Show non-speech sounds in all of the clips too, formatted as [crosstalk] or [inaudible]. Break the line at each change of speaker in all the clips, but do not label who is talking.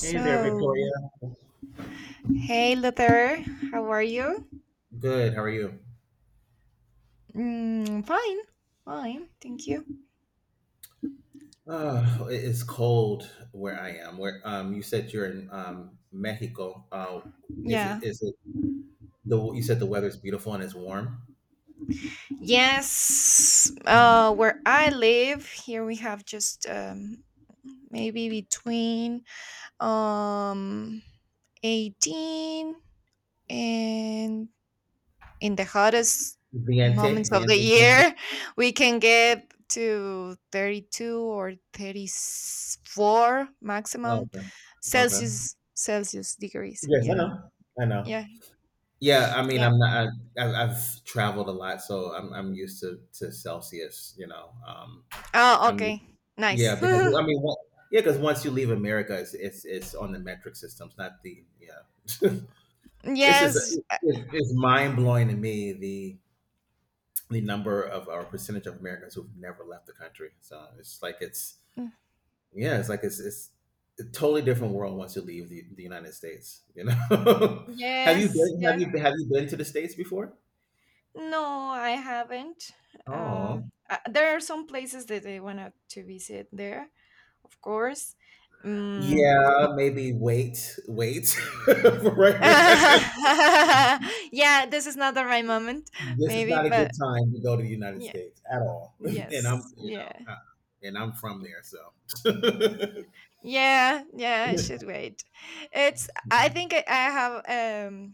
Hey there, Victoria.
hey Luther, how are you?
Good. How are you?
Fine, fine. Thank you.
Oh, it is cold where I am. Where you said you're in Mexico. Is it
Yeah.
is it the you said the weather's beautiful and it's warm?
Yes. Where I live, here we have just maybe between um, 18 and in the hottest
Viente,
moments of the
viente 20.
year [laughs] we can get to 32 or 34
Oh,
maximum
okay, okay.
celsius degrees
Yes,
you
I
know
know. I know.
Yeah,
Yeah, I mean,
yeah.
I'm not. I, I've traveled a lot, so I'm used to Celsius.
Oh,
I'm
okay.
yeah
Nice.
because
[laughs]
I mean, what, yeah, because once you leave America, it's on the metric system. It's not the yeah. [laughs] It's just
Yes,
it's mind blowing to me the number of our percentage of Americans who've never left the country. So it's like it's
uh,
yeah, it's like it's a totally different world once you leave the United States. You know, [laughs]
yes, yes,
have you been to the states before?
no, I haven't.
Oh,
There are some places that I want to visit there, of course.
yeah, maybe wait, wait [laughs] for right now.
[laughs] Yeah, this is not the right moment,
This is
maybe,
not a good
but
time to go to the United
yeah,
States at all. [laughs] And
yes,
I'm,
yeah.
and I'm from
y-
there, so.
Yeah, yeah, I
[laughs]
should wait. It's I think I have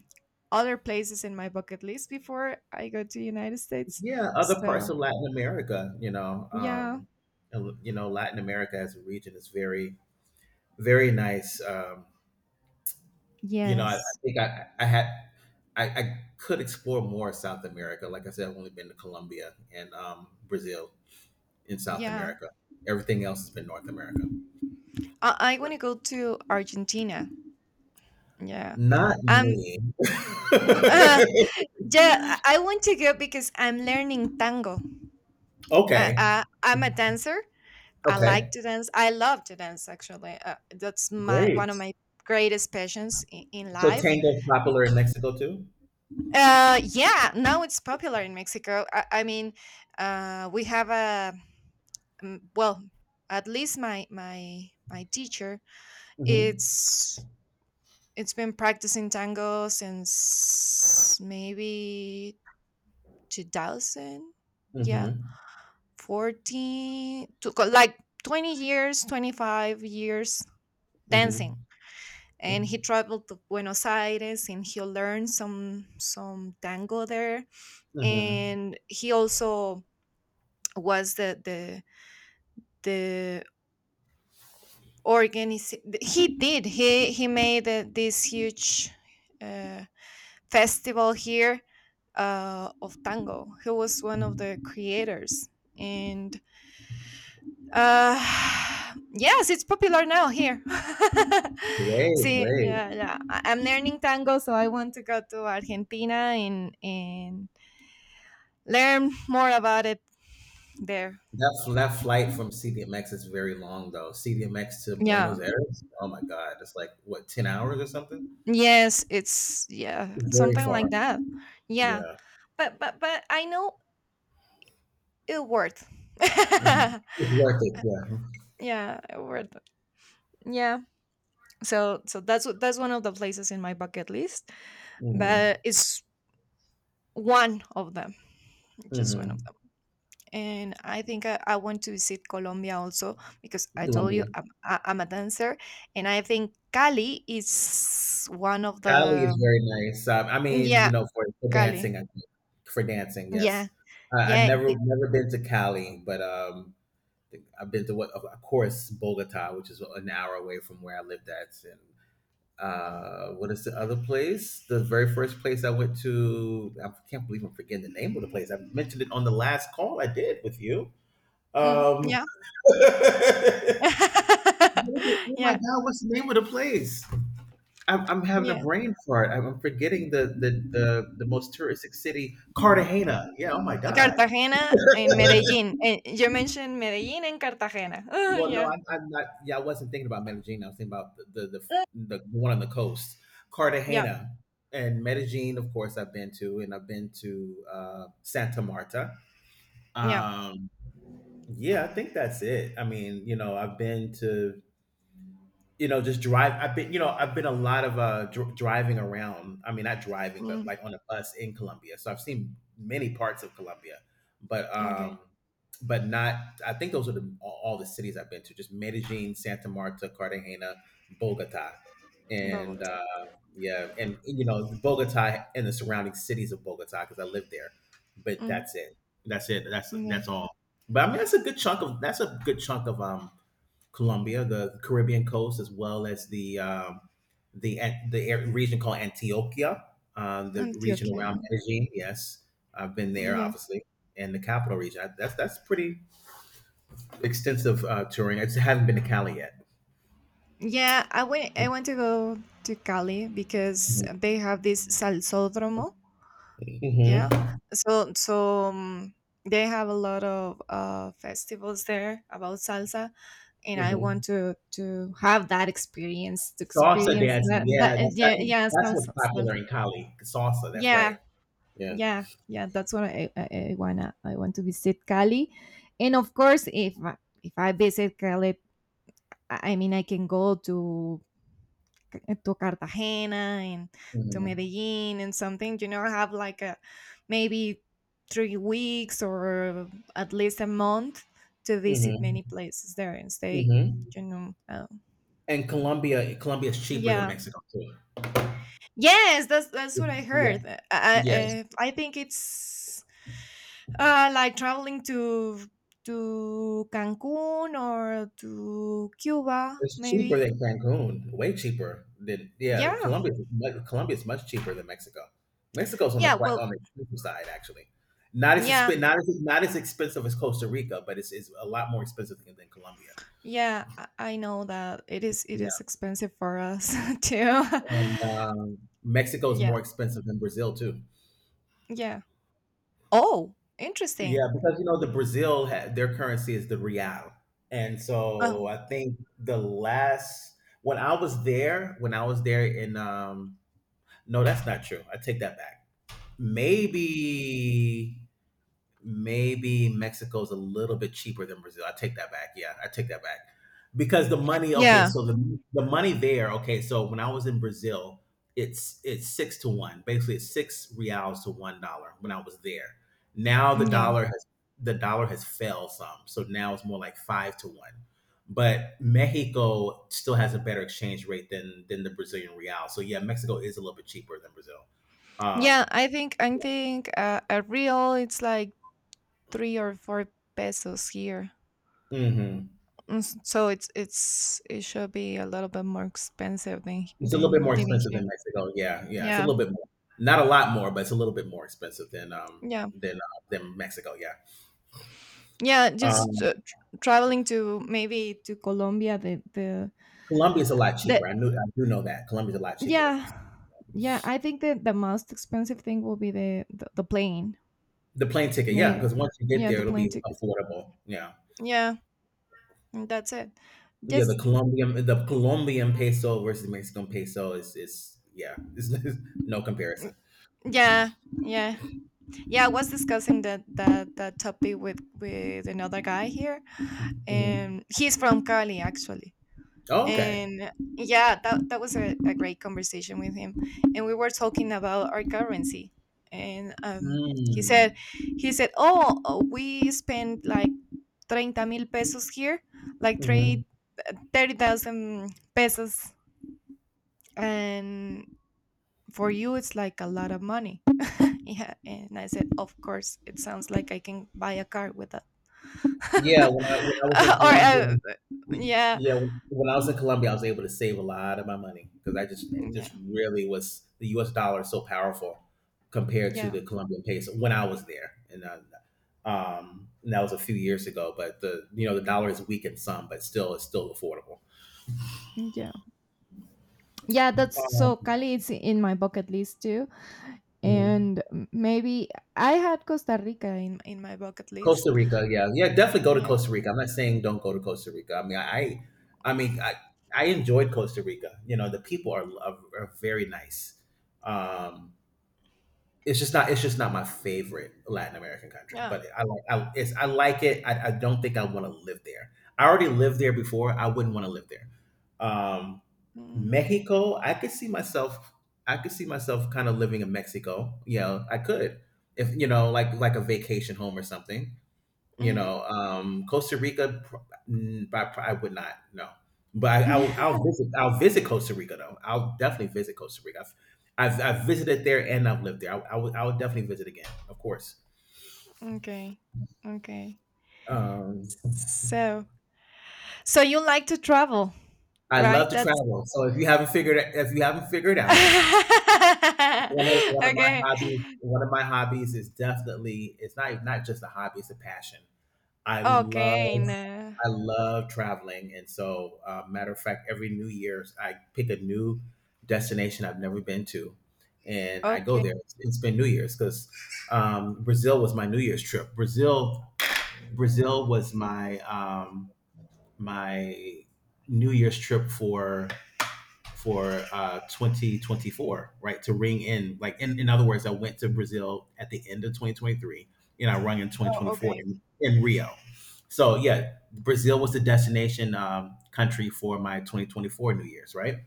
other places in my bucket list before I go to United States.
Yeah, other parts
So,
of Latin America,
yeah.
and, you know, Latin America as a region is very, very nice. You know, I, I
Yes.
think I, I had, I could explore more South America. Like I said, I've only been to Colombia and Brazil in South
Yeah.
America. Everything else has been North America.
I
So,
want to go to Argentina. Yeah.
not
Um
me.
[laughs] yeah, I want to go because I'm learning tango.
[laughs] Okay.
I'm a dancer. I like
Okay.
to dance. I love to dance, actually. That's my one
Great.
of my greatest passions in
So
life.
tango is popular in Mexico too.
Yeah, now it's popular in Mexico. I mean, we have a well, at least my teacher.
Mm-hmm.
It's it's been practicing tango since maybe 2000. Yeah,
Mm-hmm.
14 to like 20 years, 25 years dancing,
Mm-hmm.
and he traveled to Buenos Aires and he learned some tango there,
Mm-hmm.
and he also was the organiz he did he made this huge uh, festival here, of tango. He was one of the creators, and Uh, [sighs] yes, it's popular now here. [laughs]
Great,
See,
great.
yeah, yeah. I'm learning tango, so I want to go to Argentina and learn more about it there.
That flight from CDMX is very long though. CDMX to Buenos
Yeah.
Aires. Oh my God, it's like what, 10 hours or something?
Yes, it's yeah,
Very
something like
far.
that. Yeah.
Yeah.
But I know it worked. [laughs]
Mhm.
Yeah,
It's worth it. Yeah.
it worked. Yeah. So that's that's one of the places in my bucket list,
Hmm.
but it's one of them, just one of
Hmm.
them. And I think I want to visit Colombia also, because I told
Colombia.
you I'm a dancer, and I think Cali is one of
Cali
the
is very nice. I
mm,
mean, you
yeah,
know, for
Cali,
dancing, I think. For dancing,
yeah,
yes. I, I've
yeah,
never never been to Cali, but I've been to what, of course, Bogota, which is an hour away from where I lived at, and what is the other place, the very first place I went to? I can't believe I'm forgetting the name of the place. I mentioned it on the last call I did with you.
mm,
um
yeah.
[laughs] oh
[laughs]
my
Yeah,
God, what's the name of the place? I'm having a
yeah.
brain fart. I'm forgetting the most touristic city. Cartagena, yeah, oh my God.
Cartagena and Medellin, and you mentioned Medellin and Cartagena. [laughs] Oh,
Well, no,
yeah,
I'm not. Yeah, I wasn't thinking about Medellin. I was thinking about the one on the coast,
yeah,
Cartagena, and Medellin. Of course, I've been to, and I've been to Santa Marta.
yeah.
Um, yeah, I think that's it. I mean, you know, I've been to you know, just drive. I've been, you know, I've been a lot of driving around. I mean, not driving, but
Mm,
like on a bus in Colombia. So I've seen many parts of Colombia, but um,
okay.
but not. I think those are the all the cities I've been to: just Medellin, Santa Marta, Cartagena, Bogota, and
Bogota.
yeah, and you know, Bogota and the surrounding cities of Bogota because I lived there. But
Mm,
that's it. That's it.
yeah.
That's all. But I mean, that's a good chunk of, that's a good chunk of Colombia, the Caribbean coast, as well as the region called Antioquia, the region
Antioquia,
around
yeah.
Medellin. Yes, I've been
Mm,
there,
yeah.
obviously, and the capital region. I, that's pretty extensive touring. I just haven't been to Cali yet.
Yeah, I went. I want to go to Cali because they have this salsódromo.
Hmm.
Yeah, so they have a lot of festivals there about salsa, and I
Hmm.
want to have that experience. To
Salsa
experience
dancing,
that,
yeah,
that
that's
yeah,
that,
yeah,
that's what's
salsa, salsa.
popular in Cali. Salsa, that's
Yeah,
right. Yeah.
yeah, yeah. That's what I wanna. I want to visit Cali, and of course, if if I visit Cali, I mean, I can go to Cartagena and to
Hmm.
Medellin and something, have like a maybe 3 weeks or at least a month to visit
Hmm.
many places there and stay,
Hmm.
you know. Uh,
And Colombia, Colombia is cheaper than
yeah.
Mexico too.
Yes, that's what I
Yeah,
heard.
yeah.
I think it's like traveling to Cancun or to Cuba,
It's cheaper
maybe.
than Cancun, way cheaper than yeah.
Yeah.
Colombia, Colombia is much cheaper than Mexico. Mexico's on
Yeah. Well.
on the expensive side actually. Not as
Yeah.
not as not as expensive as Costa Rica, but it's a lot more expensive than Colombia.
Yeah, I know that it is it
Yeah,
is expensive for us [laughs] too.
and
[laughs]
Mexico is
Yeah,
more expensive than Brazil too.
yeah. Oh,
Yeah,
interesting.
because you know the Brazil their currency is the real, and so
Um,
I think the last when I was there, when I was there in no, that's not true. I take that back. Maybe maybe Mexico's a little bit cheaper than Brazil. I take that back. Yeah, I take that back. Because the money, okay,
yeah,
so the money there, okay, so when I was in Brazil, it's 6-1. Basically it's 6 reals to $1 when I was there. Now
yeah,
the dollar has fell some. So now it's more like 5-1. But Mexico still has a better exchange rate than the Brazilian real. So yeah, Mexico is a little bit cheaper than Brazil.
yeah.
Um
I think a real it's like 3 or 4 pesos here.
mhm.
So it should be a little bit more expensive than
It's a little bit
than
more
living
expensive
here.
than Mexico. Yeah, yeah, it's a
Yeah,
little bit more. Not a lot more, but it's a little bit more expensive
yeah,
than Mexico. Yeah,
yeah. Just
um,
traveling to maybe to Colombia, the the
Colombia's a lot
the
cheaper. I knew I do know that Colombia's a lot cheaper than Mexico.
Yeah. Yeah, I think that the most expensive thing will be the plane.
The plane ticket, yeah,
Me,
because once you get
yeah,
there,
the
it'll
plane
be
ticket.
affordable. Yeah,
Yeah, and that's it.
yeah. The
Just
Colombian the Colombian peso versus the Mexican peso is yeah, [laughs] is, no comparison.
yeah, yeah, yeah. I was discussing that topic with another guy here,
Mhm.
and he's from Cali, actually.
Okay.
And yeah, that was a great conversation with him, and we were talking about our currency, and he
Mm-hmm.
said he said, "Oh, we spend like 30 mil pesos here, like
Mm-hmm.
three, 30,000 pesos. And for you, it's like a lot of money." Yeah. And I said, "Of course, it sounds like I can buy a car with that."
Yeah, when I was in
[laughs] Or,
Colombia, we-
yeah,
yeah, when I was in Colombia, I was able to save a lot of my money because I just it
yeah,
just really was the U.S. dollar is so powerful compared to
yeah,
the Colombian peso when I was there, and that was a few years ago. But the you know the dollar is weakened some, but still it's still affordable.
yeah. Yeah, that's, so Cali is in my bucket list too.
Um,
And maybe I had Costa Rica in my bucket list.
Costa Rica, yeah, yeah, definitely go to
Yeah,
Costa Rica. I'm not saying don't go to Costa Rica. I mean, I mean, I enjoyed Costa Rica. You know, the people are very nice. Um, it's just not my favorite Latin American country,
yeah.
but I like I, it's, I like it. I don't think I want to live there. I already lived there before. I wouldn't want to live there. Um,
Mm,
Mexico, I could see myself. I could see myself kind of living in Mexico. You know, I could if you know, like a vacation home or something you
mm.
know, Costa Rica, mm, but I, I would not. No, but I,
[laughs]
I'll visit. I'll visit Costa Rica though. I'll definitely visit Costa Rica. I've visited there and I've lived there. I, I would definitely visit again, of course.
Okay, okay.
Um,
So, So, you like to travel,
I love
right?
to
That's
travel. So if you haven't figured out
[laughs]
one of my
okay.
hobbies, one of my hobbies is definitely it's not not just a hobby, it's a passion. I love
Okay. No.
I love traveling, and so matter of fact, every New Year's I pick a new destination I've never been to, and I go
Okay.
there. It's been New Year's because Brazil was my New Year's trip. Brazil, Brazil was my my New Year's trip for 2024, right? To ring in, like, in other words, I went to Brazil at the end of 2023 and I rung in
Oh,
2024
okay.
in Rio. So, yeah, Brazil was the destination country for my 2024 New Year's, right?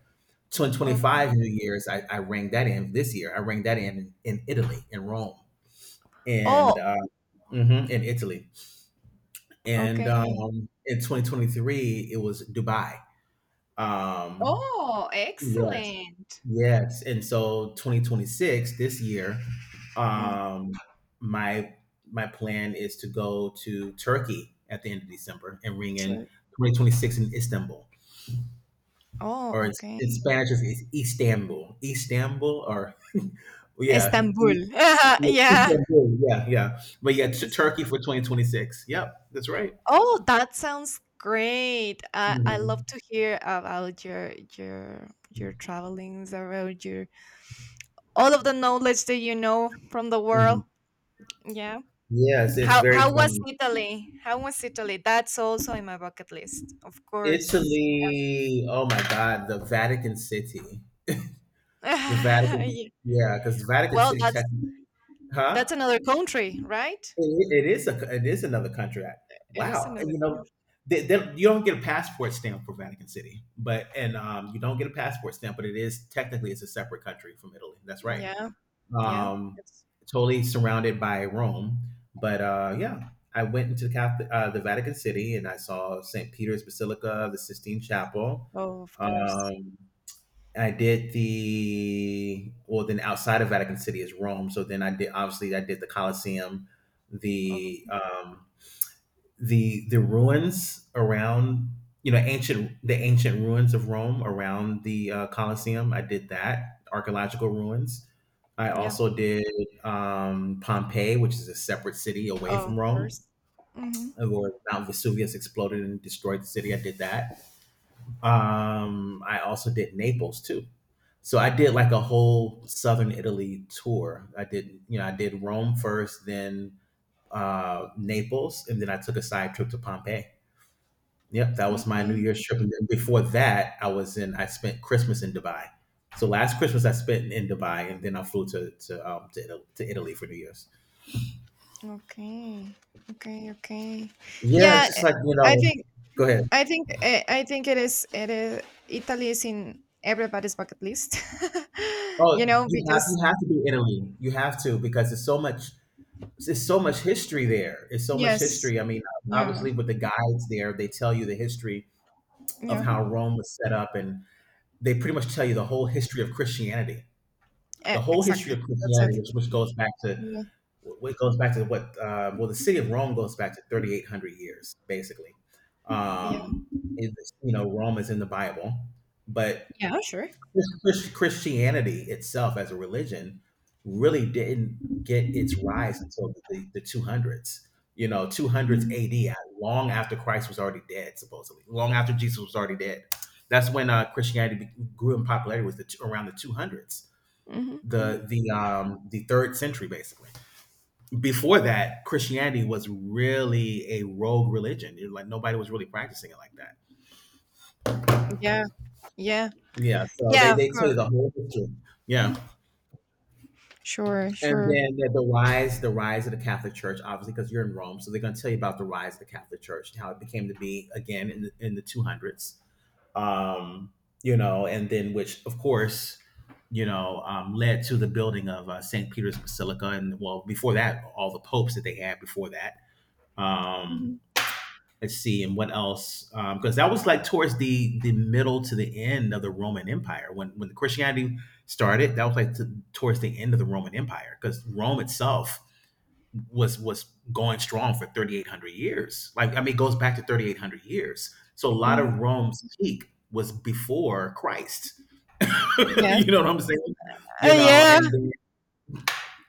2025
Okay.
New Year's, I rang that in this year. I rang that in Italy, in Rome, and
Oh,
mhm, in Italy. And
okay.
in 2023, it was Dubai. Um,
Oh,
yes,
excellent.
Yes, and so 2026 this year,
Mm,
um, my my plan is to go to Turkey at the end of December and ring in
so-
2026 in Istanbul,
oh,
or
okay.
in Spanish it's Istanbul, Istanbul, or yeah,
Istanbul. [laughs]
yeah,
Yeah.
Istanbul, yeah, yeah. But yeah, Turkey for 2026. Yep, that's right.
Oh, that sounds great. I
Mhm.
love to hear about your travelings, about your all of the knowledge that you know from the world.
Mhm.
Yeah.
Yes, it's
How
very
how was
funny.
Italy? How was Italy? That's also in my bucket list, of course. Yes.
Italy. Oh my God, the Vatican City. The
[laughs]
Vatican,
Yeah.
yeah, because the Vatican
Well,
City,
that's
huh?
that's another country, right?
It is a, it is another country.
It is
Wow, and
another
you know,
country.
you don't get a passport stamp for Vatican City, but and you don't get a passport stamp, but it is technically it's a separate country from Italy. That's right.
Yeah, yeah.
Um,
It's,
totally surrounded by Rome, but yeah, I went into the Catholic, the Vatican City, and I saw St. Peter's Basilica, the Sistine Chapel.
oh, of course.
Um, and I did the well. Then outside of Vatican City is Rome. So then I did obviously I did the Colosseum,
Oh,
the um, the ruins around you know ancient the ancient ruins of Rome around the Colosseum. I did that archaeological ruins. I
yeah.
also did Pompeii, which is a separate city away
Oh, of
from Rome,
course. Mm-hmm.
where Mount Vesuvius exploded and destroyed the city. I did that. I also did Naples too. So I did like a whole southern Italy tour. I did, I did Rome first, then Naples, and then I took a side trip to Pompeii. Yep, that was my New
Okay.
Year's trip. And then before that, I was in. I spent Christmas in Dubai. So last Christmas I spent in Dubai, and then I flew to Italy, to Italy for New Year's.
Okay. Okay. Okay.
Yeah, it's
Yeah,
just like you
I
know.
think
Go ahead.
I think it is Italy is in everybody's bucket list. [laughs] You
Oh,
know,
you have
because
you have to do Italy. You have to because there's so much. It's so much history there. It's so much
yes,
history. I mean,
yeah,
obviously, with the guides there, they tell you the history of
yeah,
how Rome was set up, and they pretty much tell you the whole history of Christianity.
e
The whole history
exactly.
of
That's it.
Christianity, which goes back to
Yeah,
what goes back to what? Well, the city of Rome goes back to 3,800 years, basically.
yeah,
Um, it, you know, Rome is in the Bible, but
yeah, yeah, sure.
Christianity itself as a religion really didn't get its rise until the 200s, you know, 200s
Mm-hmm.
AD, long after Christ was already dead, supposedly, long after Jesus was already dead. That's when grew in popularity, was around the 200s,
Mm-hmm.
the third century, basically. Before that, Christianity was really a rogue religion. It, like nobody was really practicing it like that.
Yeah, yeah,
Yeah, so
yeah,
they
of
they tell you
course.
the whole history. Yeah.
Sure,
And
sure.
then the rise of the Catholic Church, obviously, because you're in Rome, so they're going to tell you about the rise of the Catholic Church and how it became to be again in the 200s. Um, and then which, of course, led to the building of St. Peter's Basilica, and well, before that, all the popes that they had before that.
Hmm,
Um, let's see, and what else, because that was like towards the middle to the end of the Roman Empire when Christianity started. That was like towards the end of the Roman Empire, because Rome itself was going strong for 3,800 years. Like, I mean, it goes back to 3,800 years, so a lot
hmm.
of Rome's peak was before Christ. [laughs] You
Yes.
know what I'm saying? You know,
Yeah,
and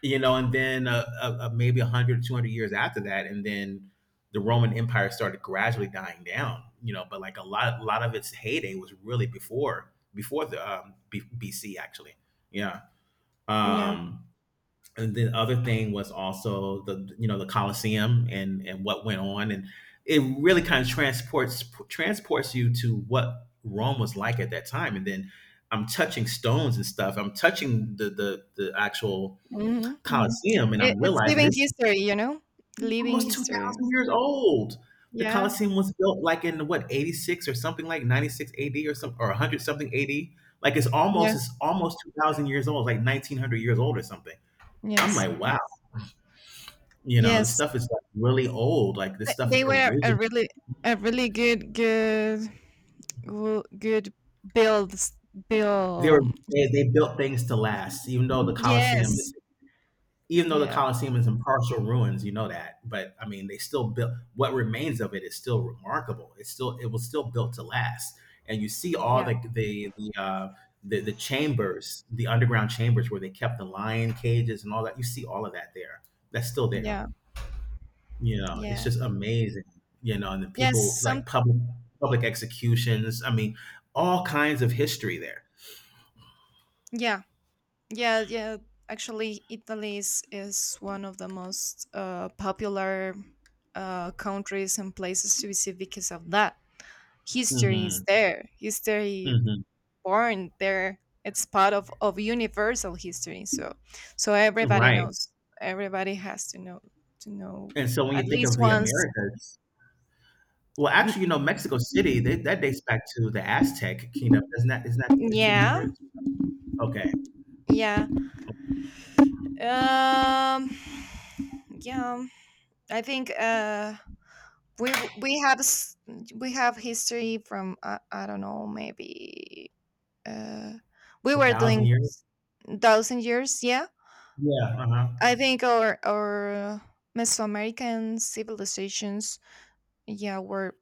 you know, and then maybe 100, 200 years after that, and then the Roman Empire started gradually dying down. You know, but like a lot of its heyday was really before the BC actually. Yeah.
yeah.
Um, and the other thing was also, the you know, the Colosseum and what went on, and it really kind of transports you to what Rome was like at that time, and then. I'm touching stones and stuff. I'm touching the actual
Hmm, hmm.
Coliseum, and
It,
I'm
it's
realizing
living
this is
history, you know? Living
almost
history.
2,000 years old. The
Yeah,
Coliseum was built like in, what, 86 or something, like 96 AD or some, or 100 something AD. Like it's almost,
yeah,
it's almost 2,000 years old, like 1,900 years old or something. I'm
yes,
like, wow,
yes.
you know, this
Yes,
stuff is like really old. Like this
Th-
stuff is
they were a
original.
really, a really good build, s-
They were,
build.
they built things to last, even though the Coliseum
Yes,
is. Even though the
yeah.
Colosseum is in partial ruins, you know that, but I mean, they still built. What remains of it is still remarkable. It was still built to last, and you see all
Yeah.
the chambers, the underground chambers where they kept the lion cages and all that. You see all of that there. That's still there.
Yeah,
You know, it's
yeah,
just amazing. You know, and the
yes.
people,
Some,
like, public executions. I mean, all kinds of history there.
yeah, yeah, yeah. Actually, Italy is one of the most popular countries and places to visit because of that. History is
Hmm,
there. History
hmm.
born there. It's part of universal history. So, everybody
Right.
knows. Everybody has to know
And so when
at
you think
least
of the
once.
Americas. Well,
Mm,
actually, you know, Mexico City, that dates back to the Aztec kingdom. Isn't that
yeah,
1500s? Okay,
yeah. Um, yeah. I think. We w- we have s- we have history from I don't know, maybe uh, we
a
were
thousand
doing
years.
thousand years, yeah.
Yeah. Uh huh.
I think our Mesoamerican civilizations, yeah, were,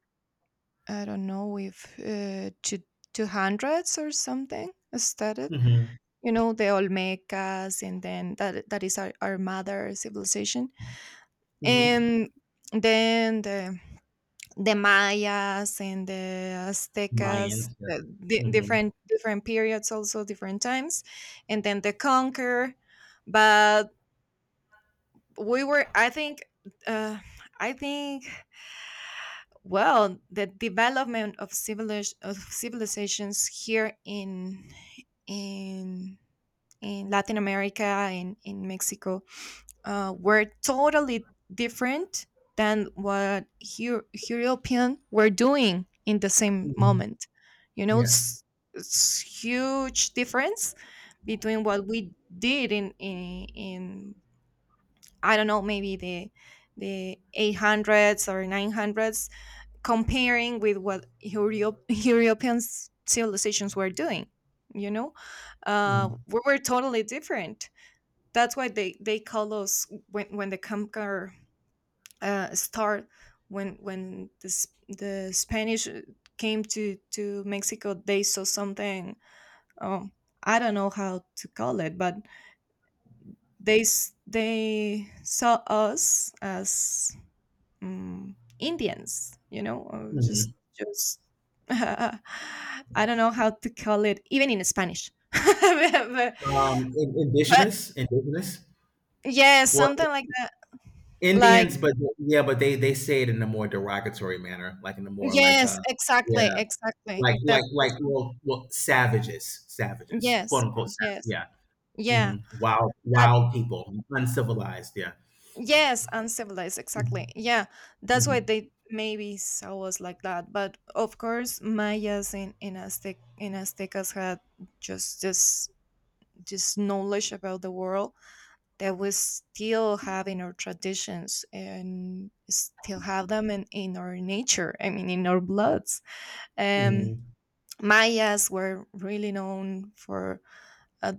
I don't know if two hundreds or something, started,
Mm-hmm.
you know, the Olmecas, and then that is our mother civilization.
Mm-hmm.
And then the Mayas and the Aztecas,
Mayans. Yeah.
the, di-
Mm-hmm.
different different periods, also different times, and then the conquer. But we were, I think, uh, I think, well, the development of of civilizations here in in Latin America and in Mexico were totally different than what European were doing in the same
Hmm.
moment. You know,
Yes.
it's huge difference between what we did in I don't know, maybe the 800s or 900s, comparing with what European civilizations were doing. You know,
Mm-hmm.
we were totally different. That's why they call us when the conquer start, when the Spanish came to Mexico. They saw something. Um, I don't know how to call it, but they saw us as Indians. You know, or
Mm-hmm.
just. [laughs] I don't know how to call it, even in Spanish. [laughs] but, but
Indigenous, indigenous.
yes,
Well,
something like that. Like
Indians, but yeah, but they say it in a more derogatory manner, like in a more like
yes,
uh,
exactly,
yeah,
exactly. That
like,
that's,
well, savages, savages, quote
yes,
unquote,
yes,
yeah,
yeah,
hmm,
that
wild people, uncivilized, yeah.
yes, uncivilized, exactly. Yeah, that's why
Mhm.
they maybe saw us like that. But of course, Mayas in Aztecas had just this knowledge about the world that we still have in our traditions and still have them in our nature. I mean, in our bloods. Um,
Mhm.
Mayas were really known for uh,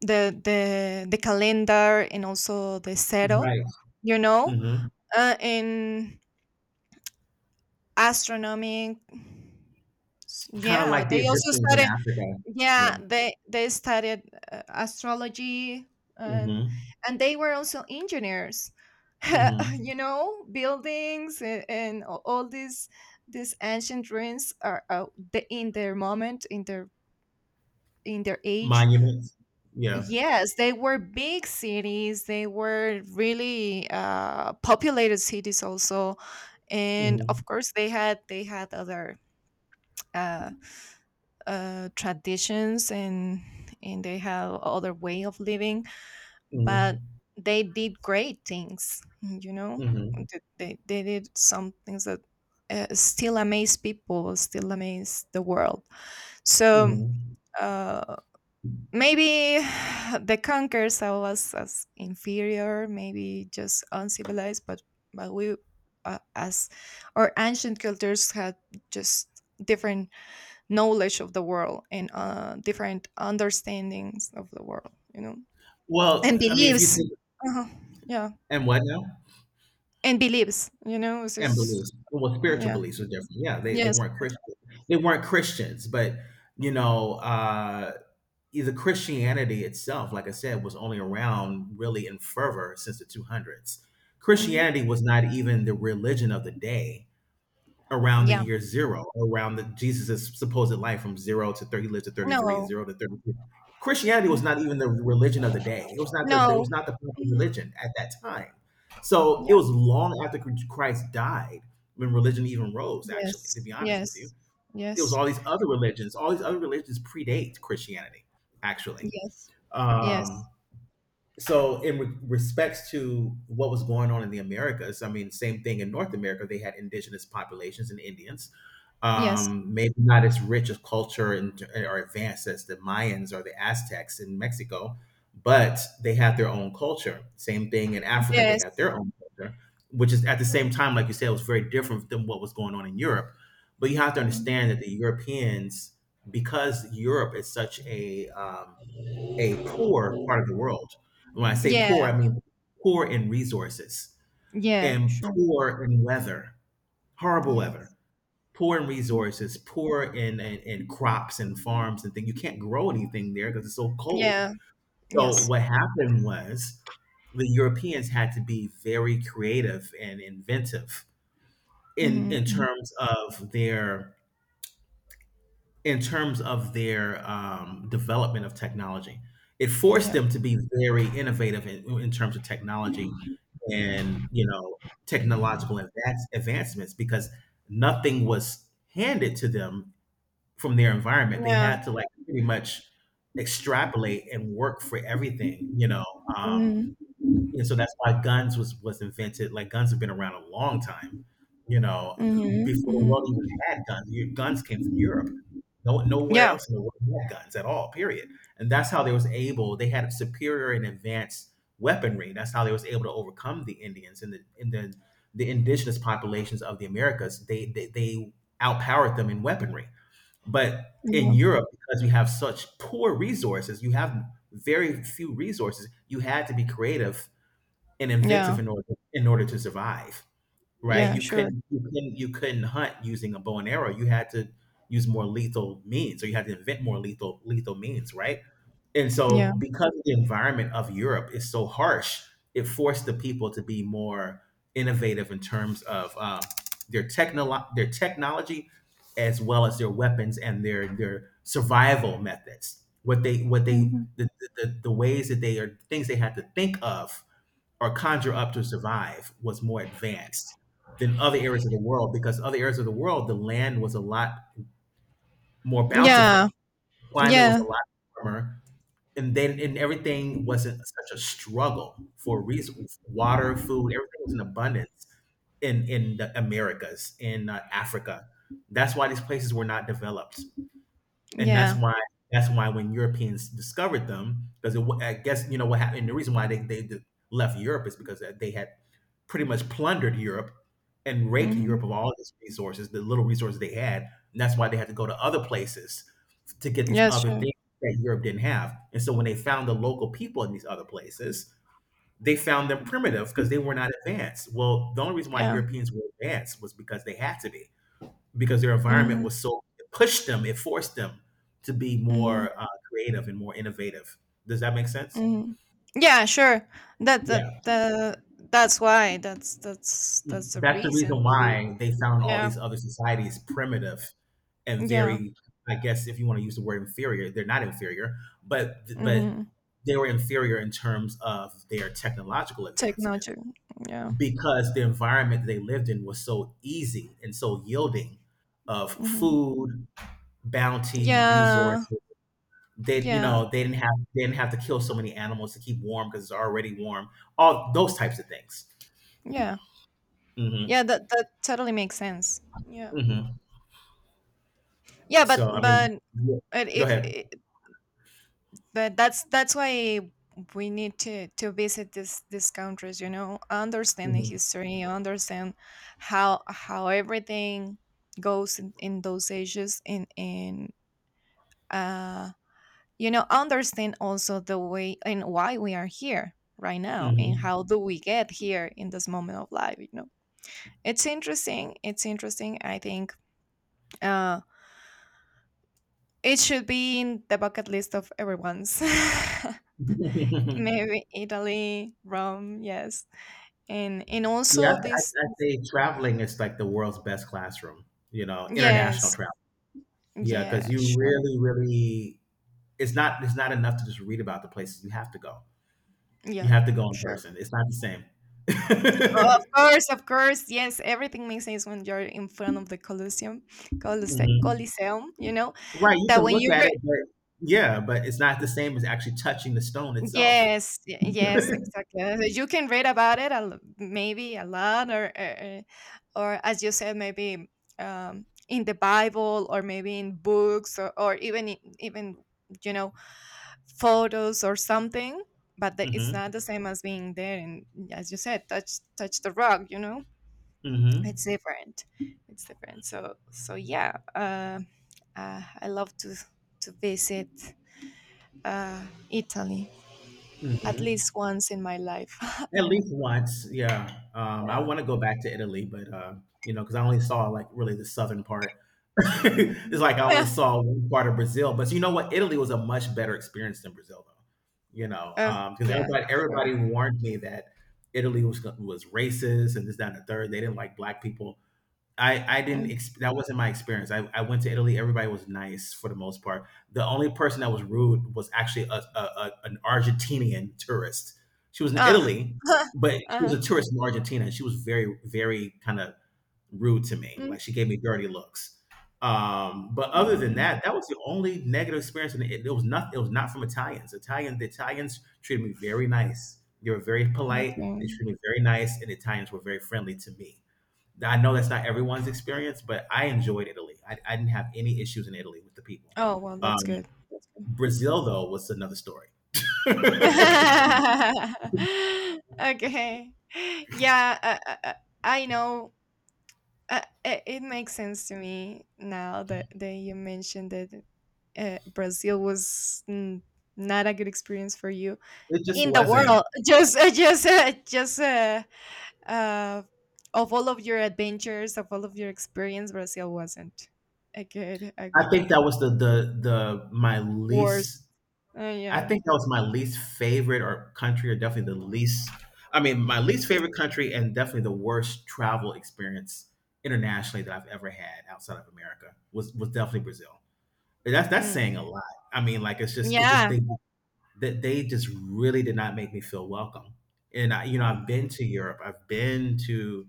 the calendar, and also the zero,
Right.
you know,
Mhm.
and astronomy.
Kind of
Yeah,
like the
they also
Egyptians in
studied.
Africa.
Yeah, they studied astrology,
Yeah.
and
Mhm.
and they were also engineers. [laughs]
Mhm.
You know, buildings, and all these ancient ruins are, the, in their moment, in their age.
Monuments. Yeah.
Yes, they were big cities. They were really populated cities also, and of
Mhm.
course they had other uh, traditions, and they have other way of living. But
Mhm.
they did great things, you know.
Mhm.
They they did some things that still amaze people, still amaze the world. So.
Mhm.
uh. Maybe [sighs] the conquerors saw us as inferior, maybe just uncivilized, but we, as our ancient cultures had just different knowledge of the world, and different understandings of the world, you know, and
Well, I mean, if you
beliefs.
think,
uh Yeah,
and what now?
and beliefs, you know, this
And
is
beliefs. Well, spiritual
yeah,
beliefs are different. Yeah, they
yes.
weren't Christian. They weren't Christians, but you know, the Christianity itself, like I said, was only around really in fervor since the 200s.
Hmm,
Christianity was not even the religion of the day around the
yeah,
year zero, around the Jesus' supposed life from 0 to 30. He lived to 33,
no,
0 to 33. Christianity was not even the religion of the day. It was not the, it
no.
was not the popular
Mhm.
religion at that time. So it
Yeah,
was long after Christ died when religion even rose. Actually, to
yes,
be honest with you,
yes,
it was
yes.
all these other religions. All these other religions predate Christianity. Actually,
Yes.
um,
Yes.
so in respects to what was going on in the Americas, I mean, same thing in North America. They had indigenous populations and Indians,
Yes.
maybe not as rich of culture and or advanced as the Mayans or the Aztecs in Mexico, but they have their own culture. Same thing in Africa, they have
Yes.
their own culture, which, is at the same time, like you said, it was very different than what was going on in Europe. But you have to
Mm.
understand that the Europeans, because Europe is such a poor part of the world. And when I say poor,
Yeah.
I mean poor in resources
Yeah.
and
Sh-
poor in weather, horrible weather,
Yes.
poor in resources, poor in, in crops and farms and things. You can't grow anything there because it's so cold.
Yeah.
So
Yes.
what happened was the Europeans had to be very creative and inventive in
Mhm.
terms of their in terms of their development of technology. It forced
Yeah.
them to be very innovative in terms of technology, and you know, technological advancements, because nothing was handed to them from their environment. They
Yeah.
had to, like, pretty much extrapolate and work for everything, you know. Um,
Mhm.
and so that's why guns was invented. Like guns have been around a long time, you know,
Mhm.
before the
Mhm.
world even had guns. Your guns came from Europe. No, nowhere
Yeah.
else in the world had guns at all. Period. And that's how they was able. They had superior and advanced weaponry. That's how they was able to overcome the Indians and the indigenous populations of the Americas. They outpowered them in weaponry. But in
Yeah.
Europe, because you have such poor resources, you have very few resources. You had to be creative and inventive
Yeah.
in order, to survive, right?
Yeah.
You
Sure.
couldn't you couldn't you couldn't hunt using a bow and arrow. You had to use more lethal means, or you had to invent more lethal, means, right? And
Yeah.
so because the environment of Europe is so harsh, it forced the people to be more innovative in terms of their their technology, as well as their weapons and their survival methods. What they,
Mhm.
the, the ways that they are, things they had to think of or conjure up to survive, was more advanced than other areas of the world, because other areas of the world, the land was a lot more
Yeah.
bountiful, climate was a
Yeah.
lot warmer, and then and everything wasn't such a struggle. For reasons, water, food, everything was in abundance in the Americas, in Africa. That's why these places were not developed, and that's
Yeah.
why, when Europeans discovered them, because I guess, you know what happened, the reason why they left Europe is because they had pretty much plundered Europe and raped
Mhm.
Europe of all its resources, the little resources they had. And that's why they had to go to other places to get these
Yes.
other
Sure.
things that Europe didn't have. And so when they found the local people in these other places, they found them primitive because they were not advanced. Well, the only reason why
Yeah.
Europeans were advanced was because they had to be, because their environment
Mhm.
was so, it pushed them, it forced them to be
Mhm.
more creative and more innovative. Does that make sense?
Mhm. Yeah. Sure. That.
Yeah,
That. The. That's why. That's. That's.
hmm.
That's the
That's the
reason.
reason
Maybe.
why they found all
Yeah.
these other societies primitive and
Yeah.
very, I guess if you want to use the word inferior, they're not inferior, but
Mhm.
they were inferior in terms of their technological advancement
Technology. Yeah.
because the environment they lived in was so easy and so yielding of
Mhm.
food, bounty,
Yeah.
resources. They you
Yeah.
know they didn't have to kill so many animals to keep warm because it's already warm. All those types of things.
Yeah. Yeah,
hmm
that that totally makes sense. Yeah.
hmm
Yeah,
so I mean, yeah.
but
Go
if
ahead.
I- but that's why we need to visit this these countries, you know, understand the
hmm
history, understand how everything goes in those ages and uh you know, understand also the way and why we are here right now and how do we get here in this moment of life, you know. It's interesting. It's interesting. I think uh, it should be in the bucket list of everyone's. [laughs]
hmm [laughs]
Maybe Italy, Rome, yes, and
Yeah, I, I,
also this,
I say traveling is like the world's best classroom. You know, international
yes,
travel. Yeah, because
yeah,
you
sure,
really, really, it's not enough to just read about the places. You have to go. You
yeah,
have to go in
sure.
person. It's not the same. [laughs]
Of course, yes. Everything makes sense when you're in front of the Colosseum, Colosseum.
Mhm.
Colosseum. You know
Right, you
that
can
when
look
you
at it, but yeah, but it's not the same as actually touching the stone itself.
Yes, yes, exactly. You can read about it, maybe a lot, or as you said, maybe in the Bible, or maybe in books, or even you know photos or something. But the, it's
hmm
not the same as being there, and as you said, touch the rock. You know, it's
hmm
different. It's different. So so yeah, I love to visit uh, Italy at least
hmm
once in my life, [laughs]
At
you know.
least once, yeah. I
Yeah.
want to go back to Italy, but you know, because I only saw like really the southern part. [laughs] It's
Mhm.
like I only
Yeah.
saw one part of Brazil, but you know what? Italy was a much better experience than Brazil, though. You know,
Uh,
because
yeah,
everybody
sure.
everybody warned me that Italy was racist and this, that, and the third. They didn't like black people. I didn't
Mm.
ex- That wasn't my experience. I went to Italy. Everybody was nice for the most part. The only person that was rude was actually a an Argentinian tourist. She was in
Ah.
Italy,
[laughs]
but she was
uh-huh.
a tourist from Argentina. She was very, very kind of rude to me.
Mm.
Like she gave me dirty looks. But other than
Mm,
that, that was the only negative experience. And it was not, it was not from Italians. Italian the Italians treated me very nice. They were very polite. They
okay.
treated me very nice, and the Italians were very friendly to me. I know that's not everyone's experience, but I enjoyed Italy. I didn't have any issues in Italy with the people.
Oh, well, that's
Um,
good. That's good.
Brazil, though, was another story.
[laughs] Okay. Yeah, I know. It makes sense to me now that you mentioned that Brazil was mm, not a good experience for you
It just
in the
wasn't.
world. [laughs] Just uh, of all of your adventures, of all of your experience, Brazil wasn't a
I
good
think that
one.
was the my
Worst.
least. I
Yeah.
think that was my least favorite or country, or definitely the least. I mean, my least favorite country, and definitely the worst travel experience internationally that I've ever had outside of America was definitely Brazil. And that's
Mm.
saying a lot. I mean, like it's just it just
Yeah.
they that they just really did not make me feel welcome. And I, you know, I've
Mm,
been to Europe, I've been to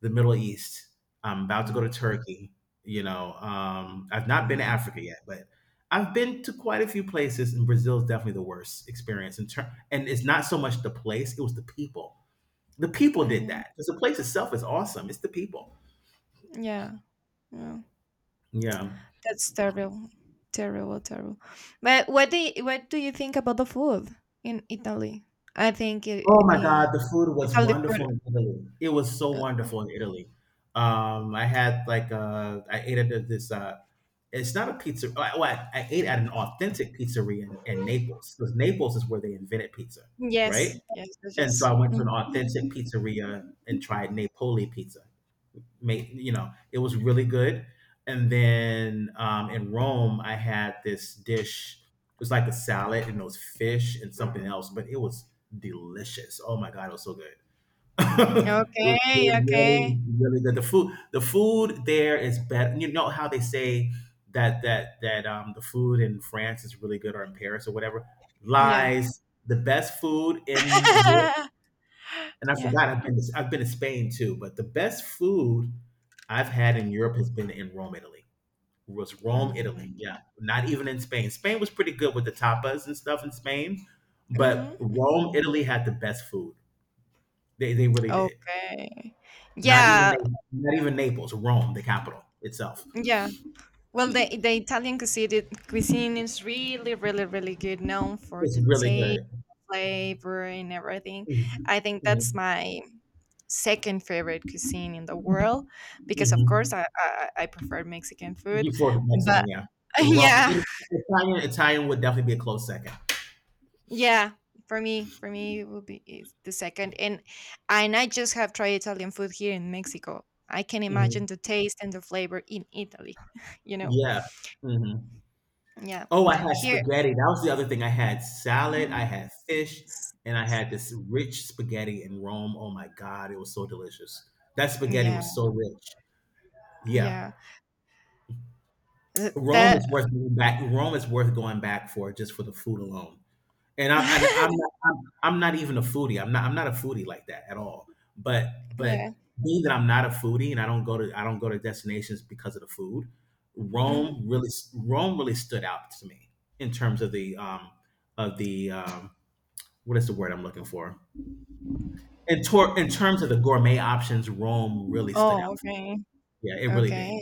the Middle East. I'm about to go
mhm,
to Turkey. You know, I've not been to
mhm,
Africa yet, but I've been to quite a few places, and Brazil is definitely the worst experience. And it's not so much the place; it was the people. The people did
mhm.
that, because the place itself is awesome. It's the people.
Yeah. Yeah.
Yeah.
That's terrible. Terrible, terrible. But what do you think about the food in Italy? I think
Oh my God, the food was
Italy food.
wonderful in Italy. It was so
uh,
wonderful in Italy. I had like I ate at this. It's not a pizza. Oh, I, Well, I ate at an authentic pizzeria in Naples, because Naples is where they invented pizza, right?
yes. Yes. Yes.
And so
Yes.
I went to an
Mm.
authentic pizzeria and tried Napoli pizza. Make, you know, it was really good. And then in Rome I had this dish. It was like a salad and those fish and something else, but it was delicious. Oh my God, it was so good. [laughs] It was
Okay.
really, really,
Okay.
really good. The food there is better. You know how they say that the food in France is really good, or in Paris or whatever,
Yeah.
lies the best food in Europe.
[laughs]
And I
yeah.
forgot, I've been to Spain too, but the best food I've had in Europe has been in Rome, Italy. Was Rome, Italy? Yeah,
Mm.
not even in Spain. Spain was pretty good with the tapas and stuff in Spain, but
Mhm, mhm.
Rome, Italy had the best food. They really did.
Okay.
Not even
Yeah,
Naples, not even Naples, Rome, the capital itself.
yeah. Well, the Italian cuisine is really, really, really good, known for
It's
the
really
taste,
good.
flavor, and everything. I think that's
Mm-hmm.
my second favorite cuisine in the world because, of course,
Mm-hmm.
I prefer Mexican food,
You for
but
Mexican, yeah.
[laughs]
Rome,
yeah,
Italian would definitely be a close second.
yeah, for me, it would be is the second, and I just have tried Italian food here in Mexico. I can imagine
Mhm.
the taste and the flavor in Italy. [laughs] You know,
Yeah. Mhm.
yeah,
Oh, I had
here,
spaghetti. That was the other thing. I had salad, I had fish, and I had this rich spaghetti in Rome. Oh my God, it was so delicious. That spaghetti
yeah,
was so rich. Yeah.
yeah, Th-
Rome is
that,
worth going back. Rome is worth going back for just for the food alone. And I and I'm
[laughs]
not I'm, I'm not even a foodie. I'm not a foodie like that at all. But but
yeah.
Being that I'm not a foodie and I don't go to destinations because of the food,
Mhm.
Rome really Rome really stood out to me in terms of the what is the word I'm looking for in tor- in terms of the gourmet options. Rome really stood out.
Oh, okay,
Yeah, it really did,
okay,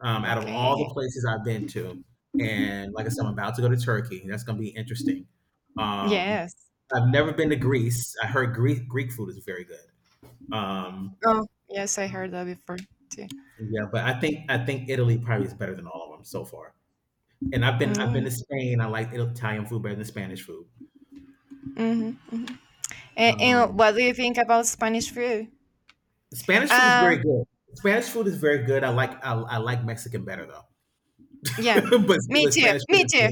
out of all
okay.
the places I've been to. And like I said, I'm about to go to Turkey. That's going to be interesting. Um,
Yes.
I've never been to Greece. I heard Greek food is very good. Um,
Oh, yes, I heard that before too.
yeah, but I think Italy probably is better than all of them so far. And I've been
Mm-hmm,
to Spain. I like Italian food better than Spanish food.
mm-hmm, mm-hmm. And
Um,
what do you think about Spanish food?
Spanish food is
Uh,
very good. Spanish food is very good. I like Mexican better though,
Yeah,
[laughs]
me
but
too.
Spanish food
Me
is
too.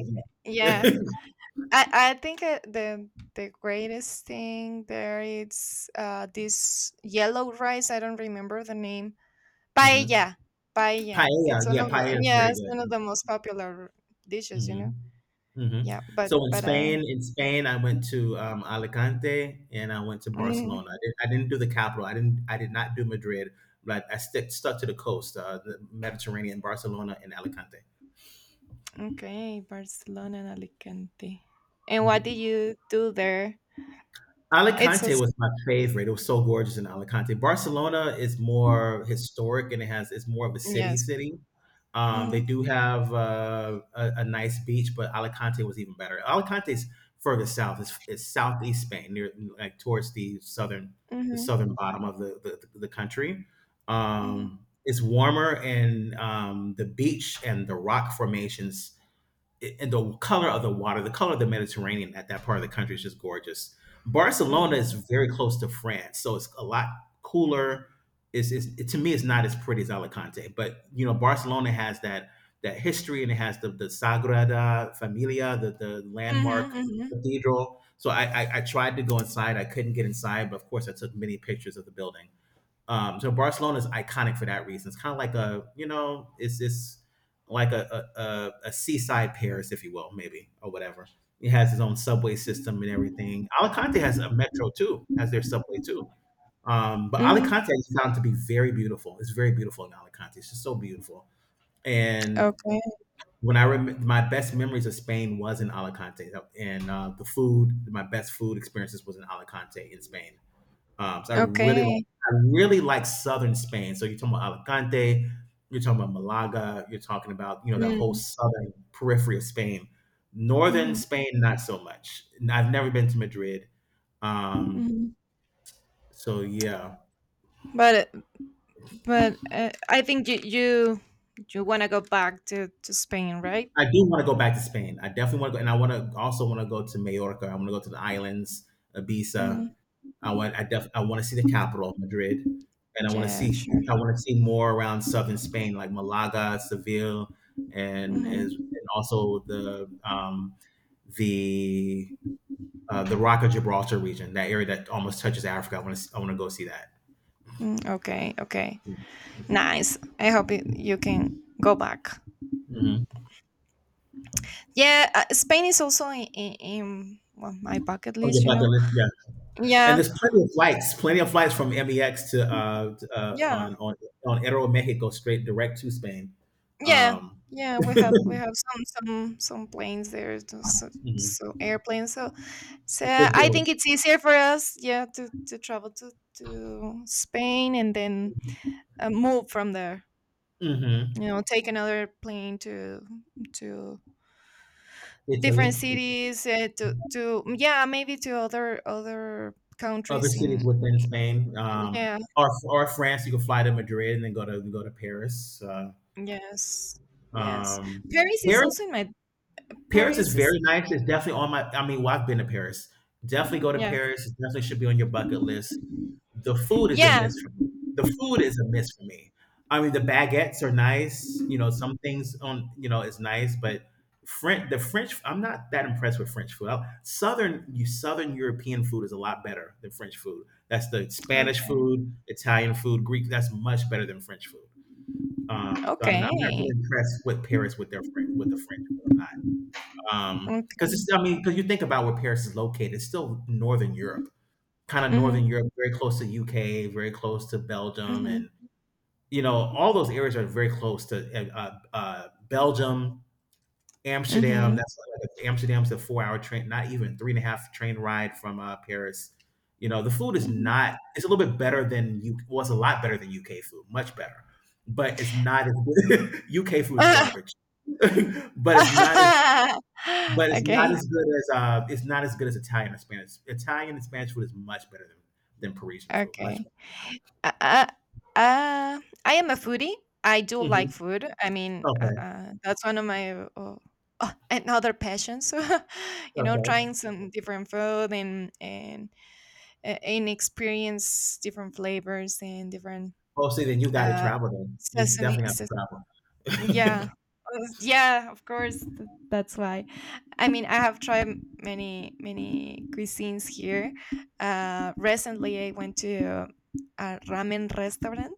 good.
Yeah,
Yeah.
I think the greatest thing there is this yellow rice. I don't remember the name.
[laughs] hmm
Paella, paella. It's
Paella,
one
yeah,
of the
paella is
yeah,
very
it's one of
good.
the most popular dishes. You
hmm
know.
Mhm.
Yeah,
So
but
In Spain, I went to Alicante and I went to Barcelona.
mm,
I didn't do the capital. I didn't. I did not do Madrid, but stuck to the coast, the Mediterranean, Barcelona and Alicante.
okay, Barcelona and Alicante. And what did you do there? It's a
Alicante
s-
was my favorite. It was so gorgeous in Alicante. Barcelona is more historic, and it's more of a city
yes.
city. They
Mhm.
do have a nice beach, but Alicante was even better. Alicante's further south. It's southeast Spain, near like towards the southern, the
Mhm.
southern bottom of the country.
Mhm.
It's warmer, and the beach and the rock formations and the color of the water, the color of the Mediterranean at that part of the country is just gorgeous. Barcelona is
Mm.
very close to France, so it's a lot cooler. To me, it's not as pretty as Alicante, but you know, Barcelona has that history, and it has the Sagrada Familia, the
Mhm.
landmark
Mhm.
cathedral. So I tried to go inside, I couldn't get inside, but of course I took many pictures of the building. So Barcelona is iconic for that reason. It's kind of like a, you know, it's like a seaside Paris, if you will, maybe or whatever. It has its own subway system and everything. Alicante has a metro too, has their subway too. But
Mhm.
Alicante is found to be very beautiful. It's very beautiful in Alicante. It's just so beautiful. And
Okay.
my best memories of Spain was in Alicante, and the food, my best food experiences was in Alicante in Spain. So
Okay.
I really like southern Spain. So you're talking about Alicante, you're talking about Malaga, you're talking about you know, that whole
Mm,
southern periphery of Spain. Northern
mhm,
Spain, not so much. And I've never been to Madrid, um,
mhm.
so yeah,
But I think you you want to go back to Spain, right?
I do want to go back to Spain. I definitely want to go, and I want to also want to go to Majorca. I want to go to the islands, Ibiza.
Hmm.
I want to see the capital, Madrid, and
Yeah, sure.
I want to see more around southern Spain, like Malaga, Seville, and is
Hmm.
and also the the Rock of Gibraltar region, that area that almost touches Africa. I want to go see that.
Mm, okay, okay. Nice. I hope it, you can go back.
hmm
Yeah, Spain is also in well, my bucket
On
list,
your
you
bucket
know.
list, yeah. And
Yeah,
there's plenty of flights from MEX to,
yeah,
on Aeromexico straight direct to Spain.
yeah,
Um,
yeah. We have some planes there, so,
mhm.
so airplanes. So so
Good
I think
deals.
it's easier for us, yeah, to travel to Spain and then move from there. You
hmm
know, take another plane to different
Italy,
cities, to yeah, maybe to other
other
countries
cities
in
within Spain,
yeah,
or France. You can fly to Madrid and then go to Paris.
yes, yes.
Um,
Paris is
Paris,
also in my
Paris is
Paris is
very nice. It's definitely on my. I mean, well, I've been to Paris. Definitely go to
yeah,
Paris. It definitely should be on your bucket list. The food is a
yeah.
miss for me. The food is a miss for me. I mean, the baguettes are nice. You know, some things on you know is nice, but French the French, I'm not that impressed with French food. I- Southern you Southern European food is a lot better than French food. That's the Spanish
Okay,
food, Italian food, Greek. That's much better than French food. So I'm not
okay,
really impressed with Paris with their French, with the French food. I'm not. Because
okay.
you think about where Paris is located, it's still Northern Europe,
Mm-hmm,
Very close to UK, very close to Belgium,
mm-hmm,
and you know all those areas are very close to Belgium, Amsterdam.
mm-hmm,
That's like Amsterdam's a four-hour train, not even three and a half train ride from Paris. You know the food is not; it's a little bit better than you was a lot better than UK food, much better, but it's not as good. [laughs] UK food is garbage, [laughs] but it's not as
[laughs]
but
[laughs]
it's not as
okay.
good as it's not as good as Italian or Spanish. Italian and Spanish food is much better than Parisian food, much.
Okay. Uh, uh, uh, I am a foodie. I do like
Mhm.
food. I mean,
Okay,
that's one of my another passions. [laughs] you know,
okay.
trying some different food and experience different flavors and different
Oh, see, then you gotta
uh,
travel then. You
seasoning,
definitely have to
yeah.
travel. [laughs]
Yeah, of course. That's why. I mean, I have tried many, many cuisines here. Recently, I went to a ramen restaurant.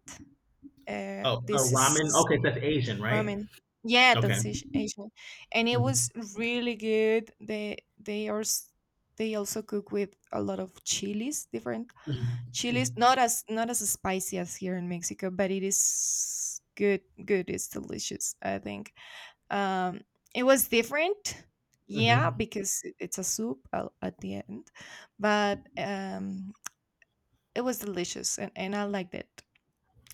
Oh,
This
ramen?
is
Okay, that's Asian, right?
ramen. Yeah,
Okay.
that's Asian, and it was
Mhm,
really good. They also cook with a lot of chilies, different
mhm,
chilies.
mhm,
Not as spicy as here in Mexico, but it is good. Good, it's delicious. I think um, it was different, yeah,
mhm,
because it's a soup at the end, but it was delicious and I liked it.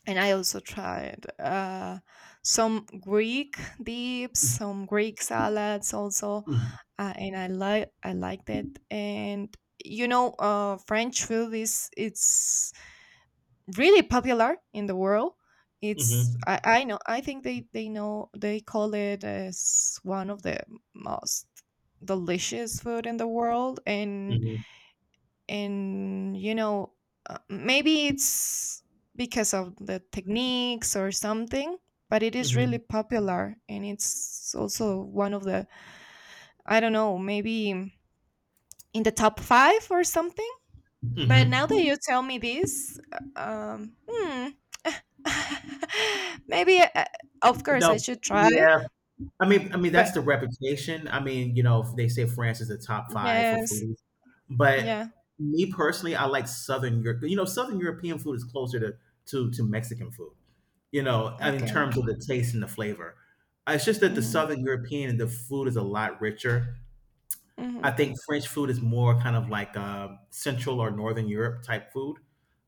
And I also tried some Greek dips, some Greek salads also, and I liked it. And you know, French food is it's really popular in the world. It's
mhm,
I know I think they know they call it as one of the most delicious food in the world
mhm,
and you know maybe it's because of the techniques or something but it is
mhm,
really
mhm,
popular and it's also one of the I don't know maybe in the top 5 or something but now
mhm.
that you tell me this, um, hmm, [laughs] maybe, of course, I
No,
should try.
yeah. I mean,
But
that's the reputation. I mean, you know, they say France is the top 5 for
yes,
food, but
yeah,
me personally, I like Southern Europe. You know, Southern European food is closer to to Mexican food. You know, I mean, in
okay,
terms of the taste and the flavor. It's just that the
hmm
Southern European, the food is a lot richer. I
hmm
think French food is more kind of like Central or Northern Europe type food.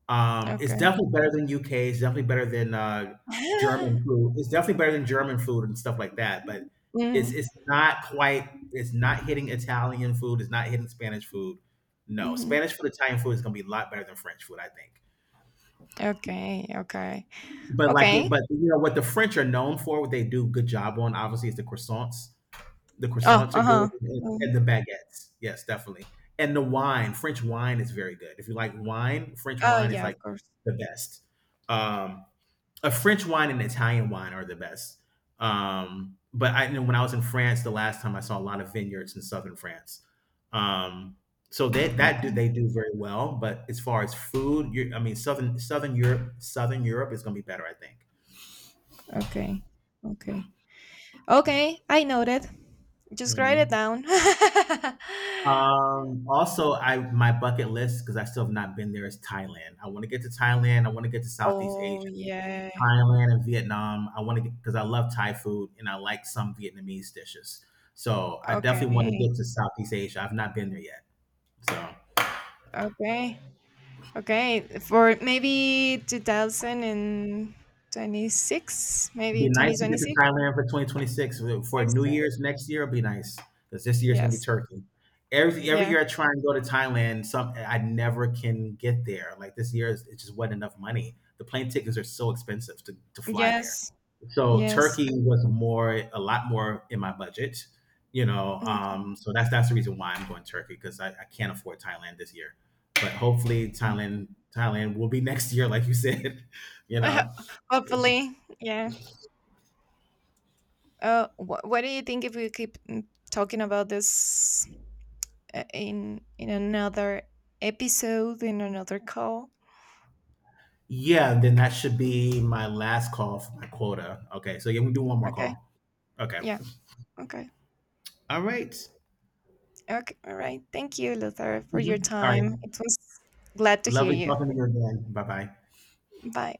It's
okay,
definitely better than UK. It's definitely better than
[laughs]
German food and stuff like that. But it's
hmm
it's not quite. It's not hitting Italian food. It's not hitting Spanish food. No,
hmm
Spanish food, Italian food is going to be a lot better than French food, I think.
okay, okay,
But like,
okay.
it, but you know what the French are known for, what they do a good job on, obviously, is the croissants. The
Oh,
croissants are
uh
good,
huh.
and the baguettes. Yes, definitely. And the wine, French wine is very good. If you like wine, French
Oh,
wine is
yeah,
like
of course.
the best. Um, a French wine and Italian wine are the best. But I, you know, when I was in France the last time, I saw a lot of vineyards in southern France. Um, so they, that do,
Okay,
they do very well. But as far as food, you're, I mean, Southern Europe, Southern Europe is going to be better, I think.
okay, okay, okay. I noted. Just write it
Mhm.
down. [laughs]
Also, I my bucket list, because I still have not been there, is Thailand. I want to get to Thailand. I want to get to Southeast
oh
Asia,
yeah.
Thailand and Vietnam. I want to get because I love Thai food and I like some Vietnamese dishes. So I definitely want to
Okay.
get to Southeast Asia. I've not been there yet. So
Okay. Okay, for maybe 2026,
be
maybe
nice to get to
2026.
Thailand for 2026 for
Next,
New Year's next year. It'll be nice because this year's gonna be
yes,
Turkey. Every
yeah,
year I try and go to Thailand, some I never can get there. Like this year, it just wasn't enough money. The plane tickets are so expensive to fly there.
yes,
So
yes.
Turkey was more a lot more in my budget, you know.
Mm.
So that's the reason why I'm going Turkey, because I can't afford Thailand this year. But hopefully Thailand will be next year, like you said. [laughs] You know.
[laughs] Hopefully, yeah. What do you think if we keep mm, talking about this in another episode, in another call?
Yeah, then that should be my last call for my quota. Okay, so yeah, we do one more
Okay,
call. Okay.
yeah, okay,
All right.
okay, all right. Thank you, Luther, for your
Mhm. All right.
time. It was glad to hear
Lovely
you.
talking to you again. Bye bye.
Bye.